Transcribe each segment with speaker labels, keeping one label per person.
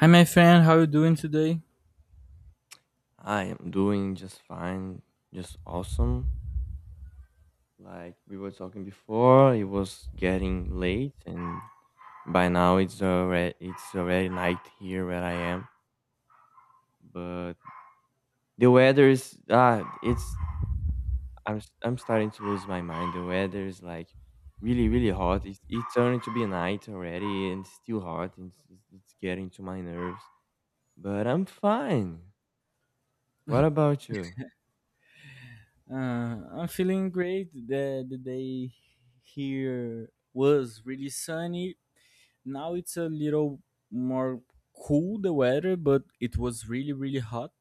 Speaker 1: Hi, my friend. How you doing today?
Speaker 2: I am doing just fine, just awesome. Like we were talking before, it was getting late, and by now it's already night here where I am. But the weather is ah, it's I'm s- I'm starting to lose my mind. The weather is like really, really hot. It's turning to be night already, and it's still hot. And it's getting to my nerves, but I'm fine. What about you?
Speaker 1: I'm feeling great. The day here was really sunny. Now it's a little more cool the weather, but it was really really hot.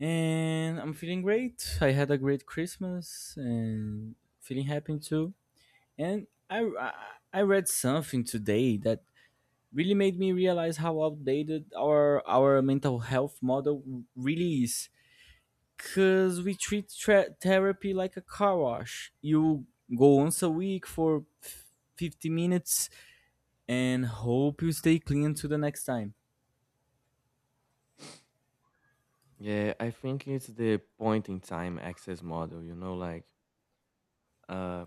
Speaker 1: And I'm feeling great. I had a great Christmas and feeling happy too. And I read something today that really made me realize how outdated our mental health model really is. Cause we treat therapy like a car wash. You go once a week for 50 minutes and hope you stay clean to the next time.
Speaker 2: Yeah, I think it's the point in time access model, you know, uh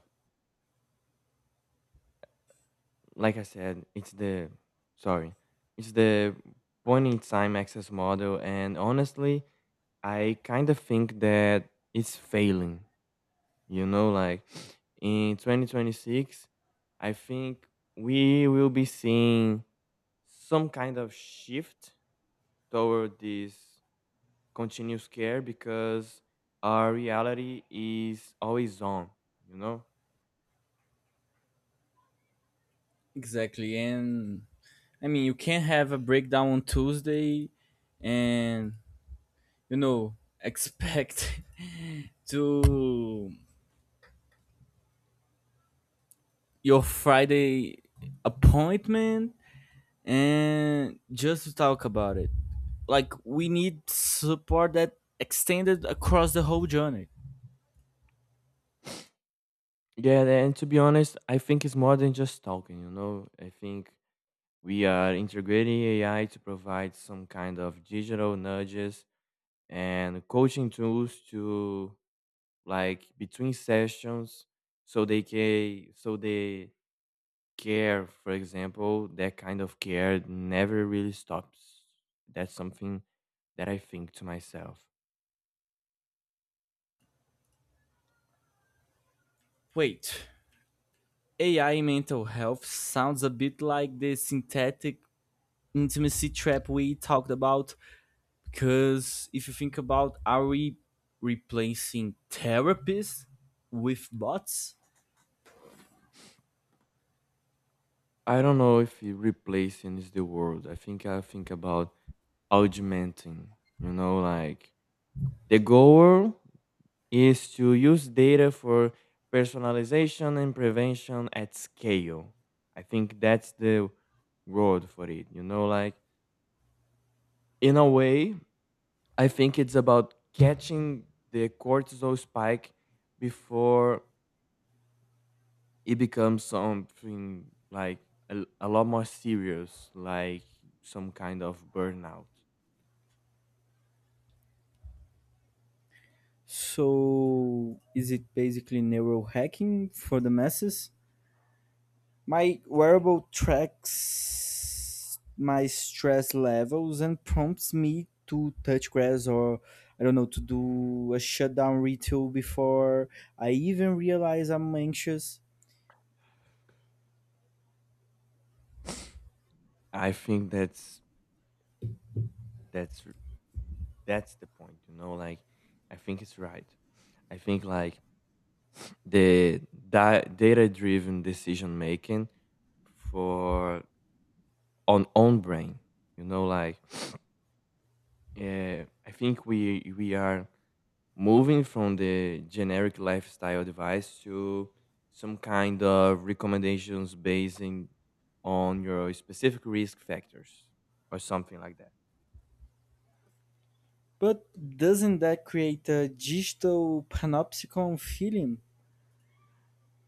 Speaker 2: like I said, it's the sorry. It's the point in time access model and, honestly, I kind of think that it's failing. You know, like in 2026, I think we will be seeing some kind of shift toward this continuous care, because our reality is always on, you know?
Speaker 1: Exactly. And I mean, you can't have a breakdown on Tuesday and, you know, expect to your Friday appointment and just to talk about it, like we need support that extended across the whole journey.
Speaker 2: Yeah, and to be honest, I think it's more than just talking, you know. I think we are integrating AI to provide some kind of digital nudges and coaching tools to, like, between sessions, so they can so they care, for example, that kind of care never really stops. That's something that I think to myself.
Speaker 1: Wait, ai in mental health sounds a bit like the synthetic intimacy trap we talked about, because if you think about, are we replacing therapists with bots?
Speaker 2: I don't know if it replacing is the word. I think about augmenting, you know, like the goal is to use data for personalization and prevention at scale. I think that's the word for it. You know, like, in a way, I think it's about catching the cortisol spike before it becomes something like a lot more serious, like some kind of burnout.
Speaker 1: So is it basically neural hacking for the masses? My wearable tracks my stress levels and prompts me to touch grass, or I don't know, to do a shutdown ritual before I even realize I'm anxious.
Speaker 2: I think that's That's r- that's the point, you know, like, I think it's right. I think, like, the data-driven decision making for on own brain, you know, like I think we are moving from the generic lifestyle advice to some kind of recommendations based on your specific risk factors or something like that.
Speaker 1: But doesn't that create a digital panopticon feeling?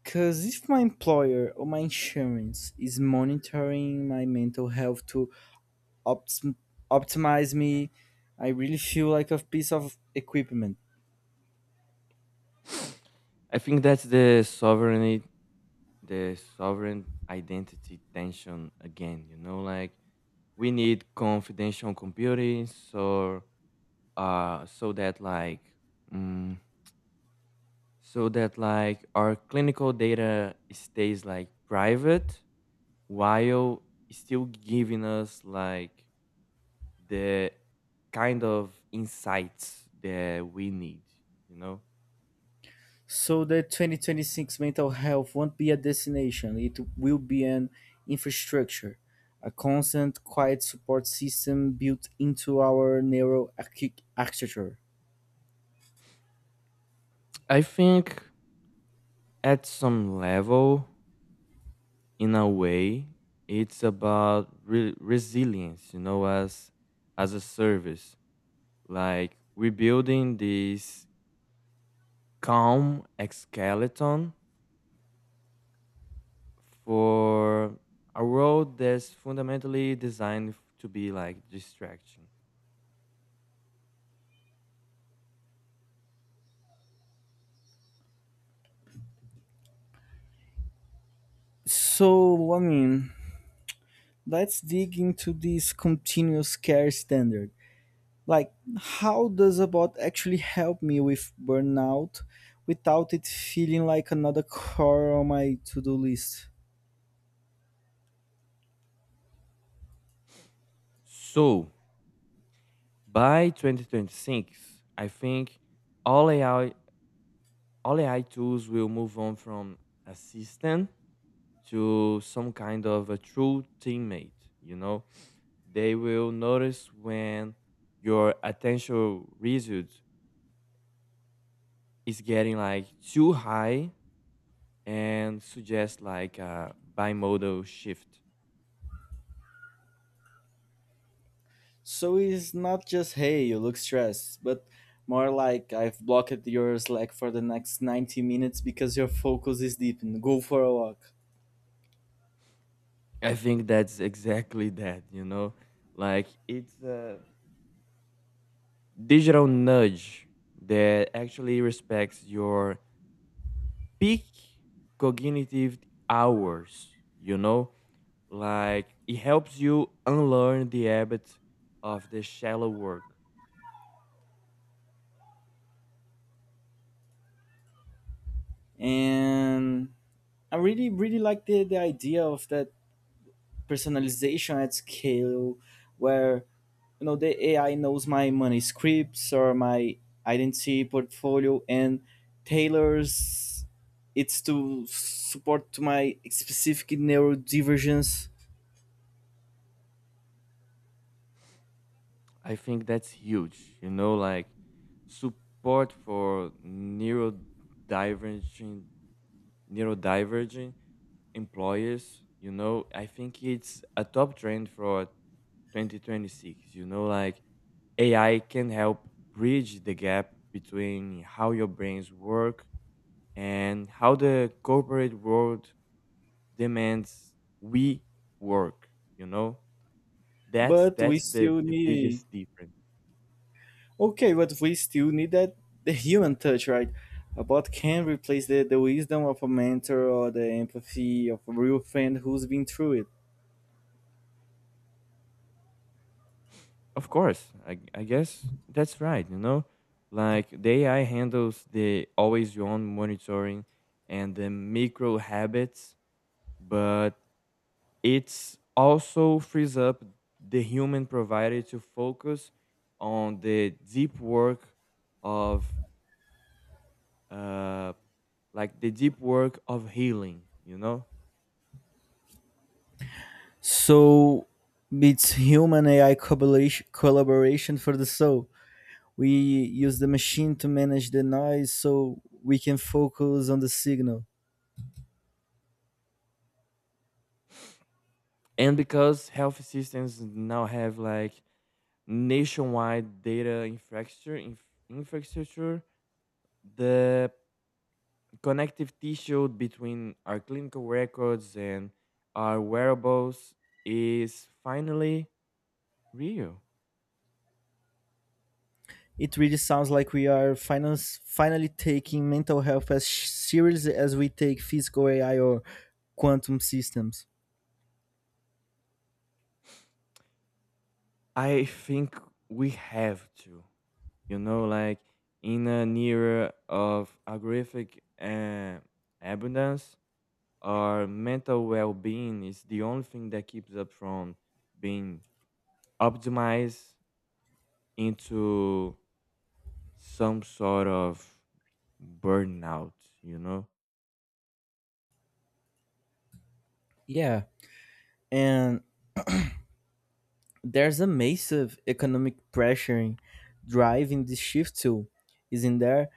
Speaker 1: Because if my employer or my insurance is monitoring my mental health to opt- optimize me, I really feel like a piece of equipment.
Speaker 2: I think that's the sovereign identity tension again. You know, like, we need confidential computing, uh, so that like, mm, so that, like, our clinical data stays, like, private, while still giving us, like, the kind of insights that we need. You know,
Speaker 1: So the 2026 mental health won't be a destination, it will be an infrastructure, a constant, quiet support system built into our neural architecture.
Speaker 2: I think at some level, in a way, it's about resilience, you know, as a service, like rebuilding this calm skeleton for a world that's fundamentally designed to be, like, distracting.
Speaker 1: So, I mean, let's dig into this continuous care standard. Like, how does a bot actually help me with burnout without it feeling like another chore on my to do list?
Speaker 2: So by 2026, I think all ai all AI tools will move on from assistant to some kind of a true teammate, you know? They will notice when your attention result is getting, like, too high, and suggest, like, a bimodal shift.
Speaker 1: So it's not just, hey, you look stressed, but more like I've blocked your Slack for the next 90 minutes because your focus is deepened. Go for a walk.
Speaker 2: I think that's exactly that, you know? Like, it's a digital nudge that actually respects your peak cognitive hours, you know? Like, it helps you unlearn the habit of the shallow work.
Speaker 1: And I really, really like the idea of that personalization at scale where, you know, the AI knows my money scripts or my identity portfolio and tailors it's to support to my specific neurodivergence.
Speaker 2: I think that's huge. You know, like, support for neurodivergent neurodivergent employers. You know, I think it's a top trend for 2026. You know, like, AI can help bridge the gap between how your brains work and how the corporate world demands we work, you know. that's
Speaker 1: But we
Speaker 2: that's the
Speaker 1: still
Speaker 2: the
Speaker 1: need
Speaker 2: biggest difference.
Speaker 1: Okay, but we still need that, the human touch, right? A bot can replace the wisdom of a mentor or the empathy of a real friend who's been through it.
Speaker 2: Of course, I guess that's right, you know, like, the AI handles the always on monitoring and the micro habits, but it's also frees up the human provider to focus on of uh the deep work of healing, you know.
Speaker 1: So it's human AI collaboration for the soul. We use the machine to manage the noise so we can focus on the signal.
Speaker 2: And because health systems now have, like, nationwide data infrastructure, the connective tissue between our clinical records and our wearables is finally real.
Speaker 1: It really sounds like we are finance, finally taking mental health as serious as we take physical AI or quantum systems.
Speaker 2: I think we have to, you know, like, in an era of agrific, abundance, our mental well-being is the only thing that keeps us from being optimize into some sort of burnout, you know?
Speaker 1: Yeah, and there's a massive economic pressure driving this shift too, isn't there?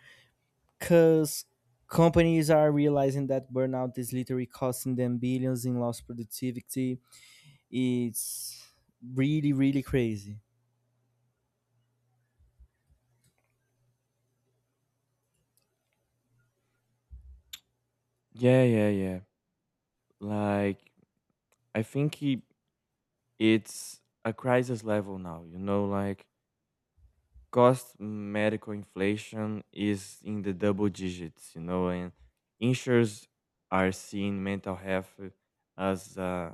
Speaker 1: Because companies are realizing that burnout is literally costing them billions in lost productivity. It's really, really crazy.
Speaker 2: Yeah, yeah, yeah. Like, I think it's a crisis level now, you know? Like, cost medical inflation is in the double digits, you know? And insurers are seeing mental health as,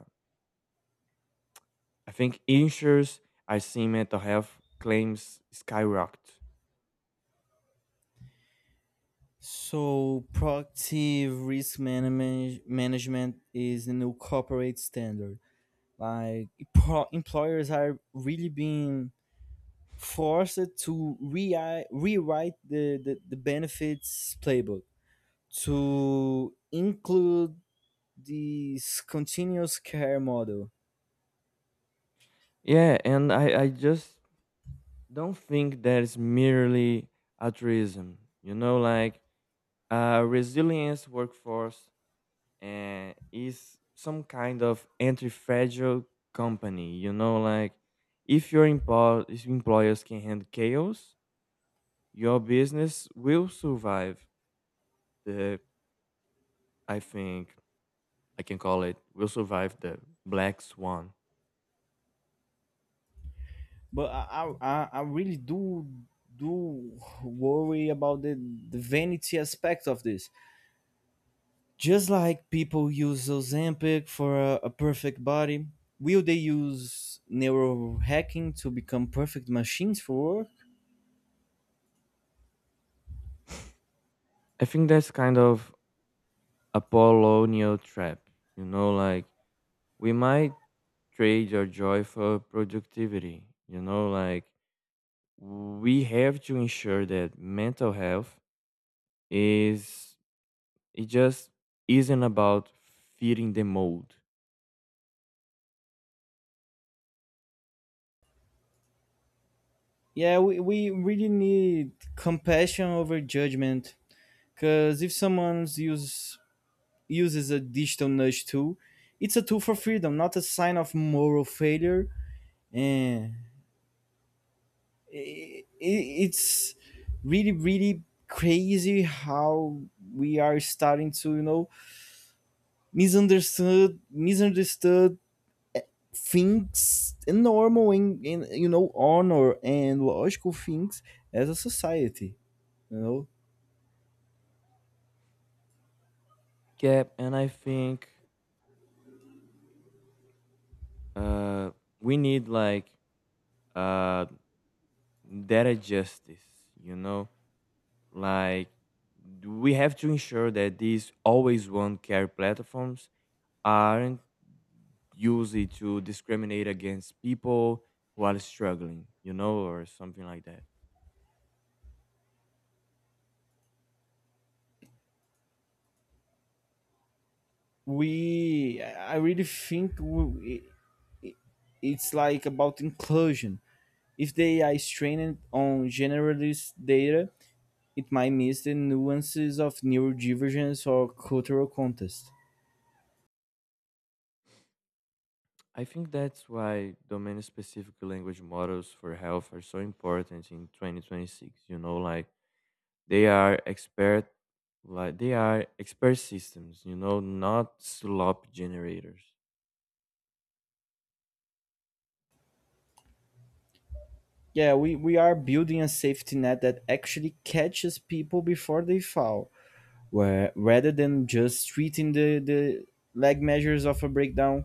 Speaker 2: I think insurers are seeing mental health claims skyrocket.
Speaker 1: So, proactive risk manage management is the new corporate standard. Like, employers are really being forced to rewrite the benefits playbook to include this continuous care model.
Speaker 2: Yeah, and I just don't think that is merely altruism. You know, like, resilience workforce is some kind of anti-fragile company. You know, like, if your empo- if employers can handle chaos, your business will survive the. I think I can call it, will survive the black swan.
Speaker 1: But I really do worry about the vanity aspect of this. Just like people use Ozempic for a perfect body, will they use neurohacking to become perfect machines for work?
Speaker 2: I think that's kind of a Apollonian trap. You know, like, we might trade our joy for productivity. You know, like, we have to ensure that mental health is it just isn't about fitting the mold.
Speaker 1: Yeah, we really need compassion over judgment. Because if someone's use uses a digital nudge tool, it's a tool for freedom, not a sign of moral failure. And it's really, really crazy how we are starting to, you know, misunderstood things and normal and you know honor and logical things as a society. You know,
Speaker 2: Cap, and I think, uh, we need, like, uh, data justice. You know, like, we have to ensure that these always one care platforms aren't use it to discriminate against people who are struggling, you know, or something like that.
Speaker 1: we I really think it's like about inclusion. If the AI is trained on generalist data, it might miss the nuances of neurodivergence or cultural context.
Speaker 2: I think that's why domain specific language models for health are so important in 2026, you know, like, they are expert they are expert systems, you know, not slop generators.
Speaker 1: Yeah, we are building a safety net that actually catches people before they fall, where, rather than just treating the lag measures of a breakdown.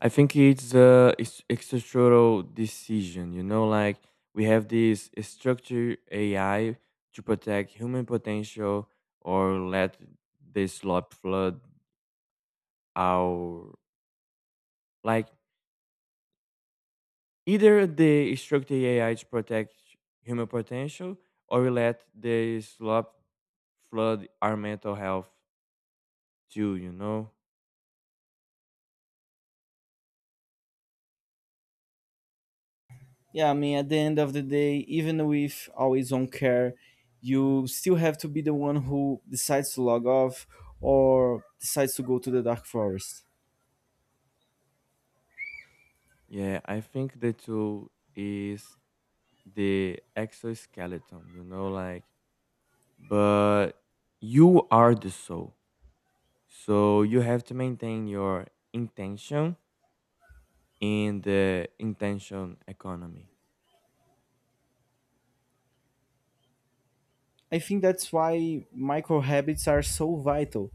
Speaker 2: I think it's structural decision. You know, like, we have this structured AI to protect human potential or let the slop flood our, like, either the structured AI to protect human potential, or we let the slop flood our mental health too, you know.
Speaker 1: Yeah, I mean, at the end of the day, even with always on care, you still have to be the one who decides to log off or decides to go to the dark forest.
Speaker 2: Yeah, I think the tool is the exoskeleton. You know, like, but you are the soul. So you have to maintain your intention in the intention economy.
Speaker 1: I think that's why micro habits are so vital.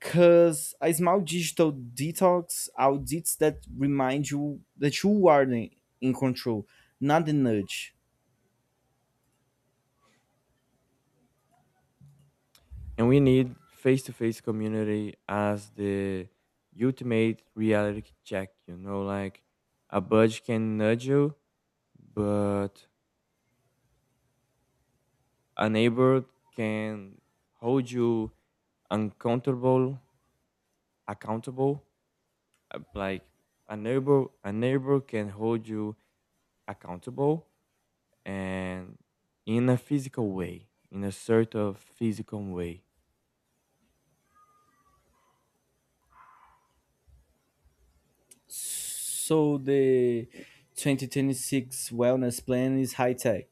Speaker 1: Cause a small digital detox audits that remind you that in control, not the nudge.
Speaker 2: And we need face to face community as the ultimate reality check, you know, like, a budge can nudge you, but a neighbor can hold you uncomfortable, accountable. Like, a neighbor can hold you accountable and in a physical way, in a sort of physical way.
Speaker 1: So the 2026 wellness plan is high tech.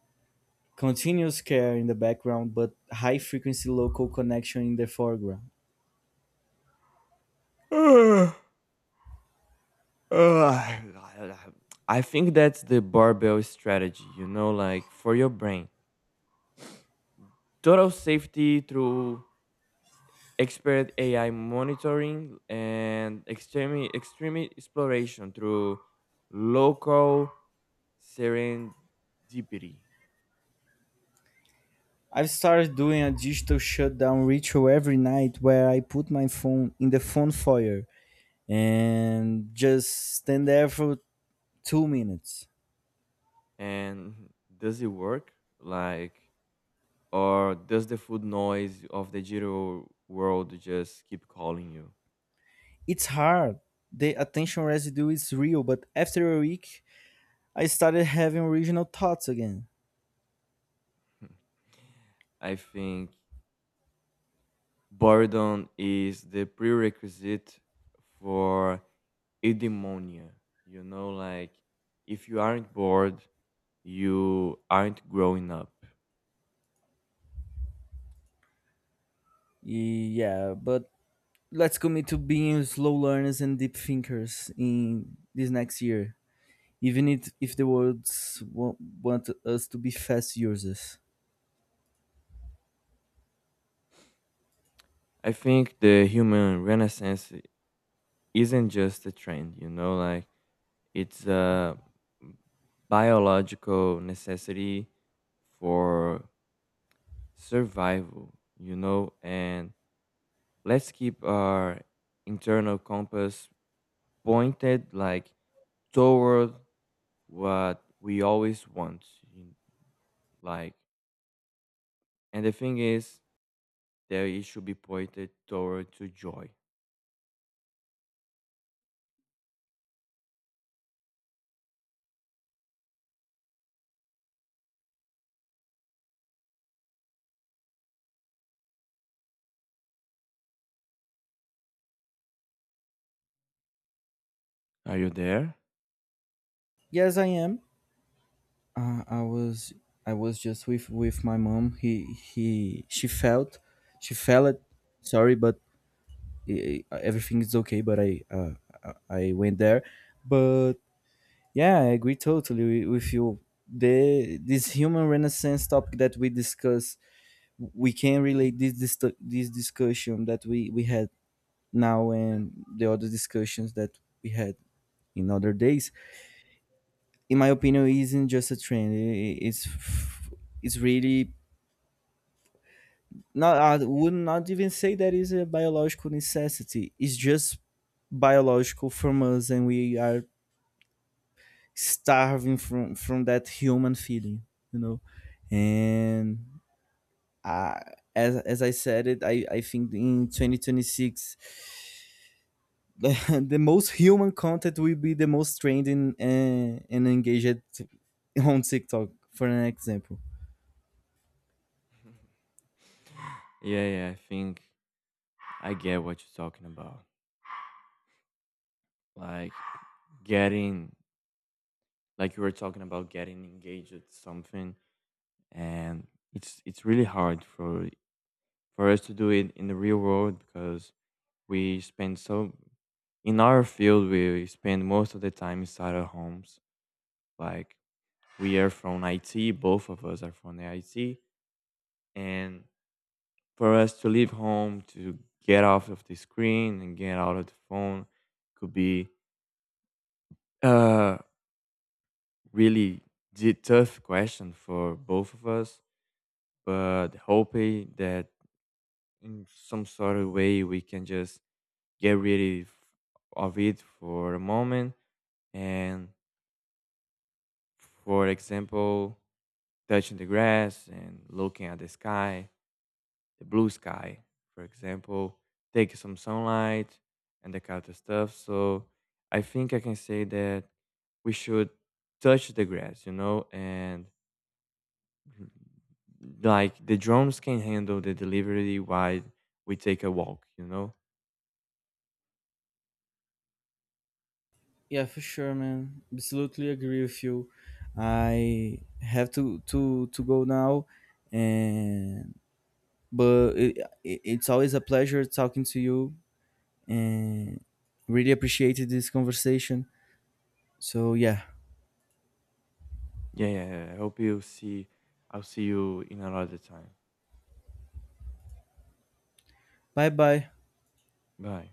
Speaker 1: Continuous care in the background, but high frequency local connection in the foreground.
Speaker 2: Uh, uh, I think that's the barbell strategy, you know, like, for your brain. Total safety through expert AI monitoring, and extreme, extreme exploration through local serendipity.
Speaker 1: I've started doing a digital shutdown ritual every night where I put my phone in the phone foyer and just stand there for 2 minutes.
Speaker 2: And does it work? Like, or does the food noise of the digital world just keep calling you?
Speaker 1: It's hard. The attention residue is real, but after a week, I started having original thoughts again.
Speaker 2: I think boredom is the prerequisite for eudaimonia. You know, like, if you aren't bored, you aren't growing up.
Speaker 1: Yeah, but let's commit to being slow learners and deep thinkers in this next year, even if the world want us to be fast users.
Speaker 2: I think the human renaissance isn't just a trend, you know, like, it's a biological necessity for survival, you know, and let's keep our internal compass pointed, like, toward what we always want. in- Like, and the thing is that it should be pointed toward to joy. Are you there?
Speaker 1: Yes, I am. I was just with my mom. He she felt she fell it. Sorry, but everything is okay, but uh, I went there, but yeah, I agree totally with you. The this human renaissance topic that we discuss, we can relate this discussion that we had now and the other discussions that we had in other days. In my opinion, it isn't just a trend. It's it's really not. I would not even say that is a biological necessity. It's just biological from us, and we are starving from that human feeling, you know. And I, as I said it, I think in 2026 the, most human content will be the most trending and engaged on tiktok for an example.
Speaker 2: Yeah, yeah, I think I get what you're talking about. Like getting like you were talking about getting engaged at something, and it's really hard for us to do it in the real world, because we spend so in our field we spend most of the time inside our homes, like, we are from IT, both of us are from the IT, and for us to leave home, to get off of the screen and get out of the phone, could be a really tough question for both of us, but hoping that in some sort of way we can just get rid of it for a moment, and, for example, touching the grass and looking at the sky, the blue sky, for example, take some sunlight and the kind of stuff. So I think I can say that we should touch the grass, you know, and mm, like the drones can handle the delivery while we take a walk, you know.
Speaker 1: Yeah, for sure, man, absolutely agree with you. I have to go now, and but it's always a pleasure talking to you, and really appreciated this conversation. So yeah,
Speaker 2: Yeah, yeah, yeah. I'll see you in another time.
Speaker 1: bye bye.
Speaker 2: Bye.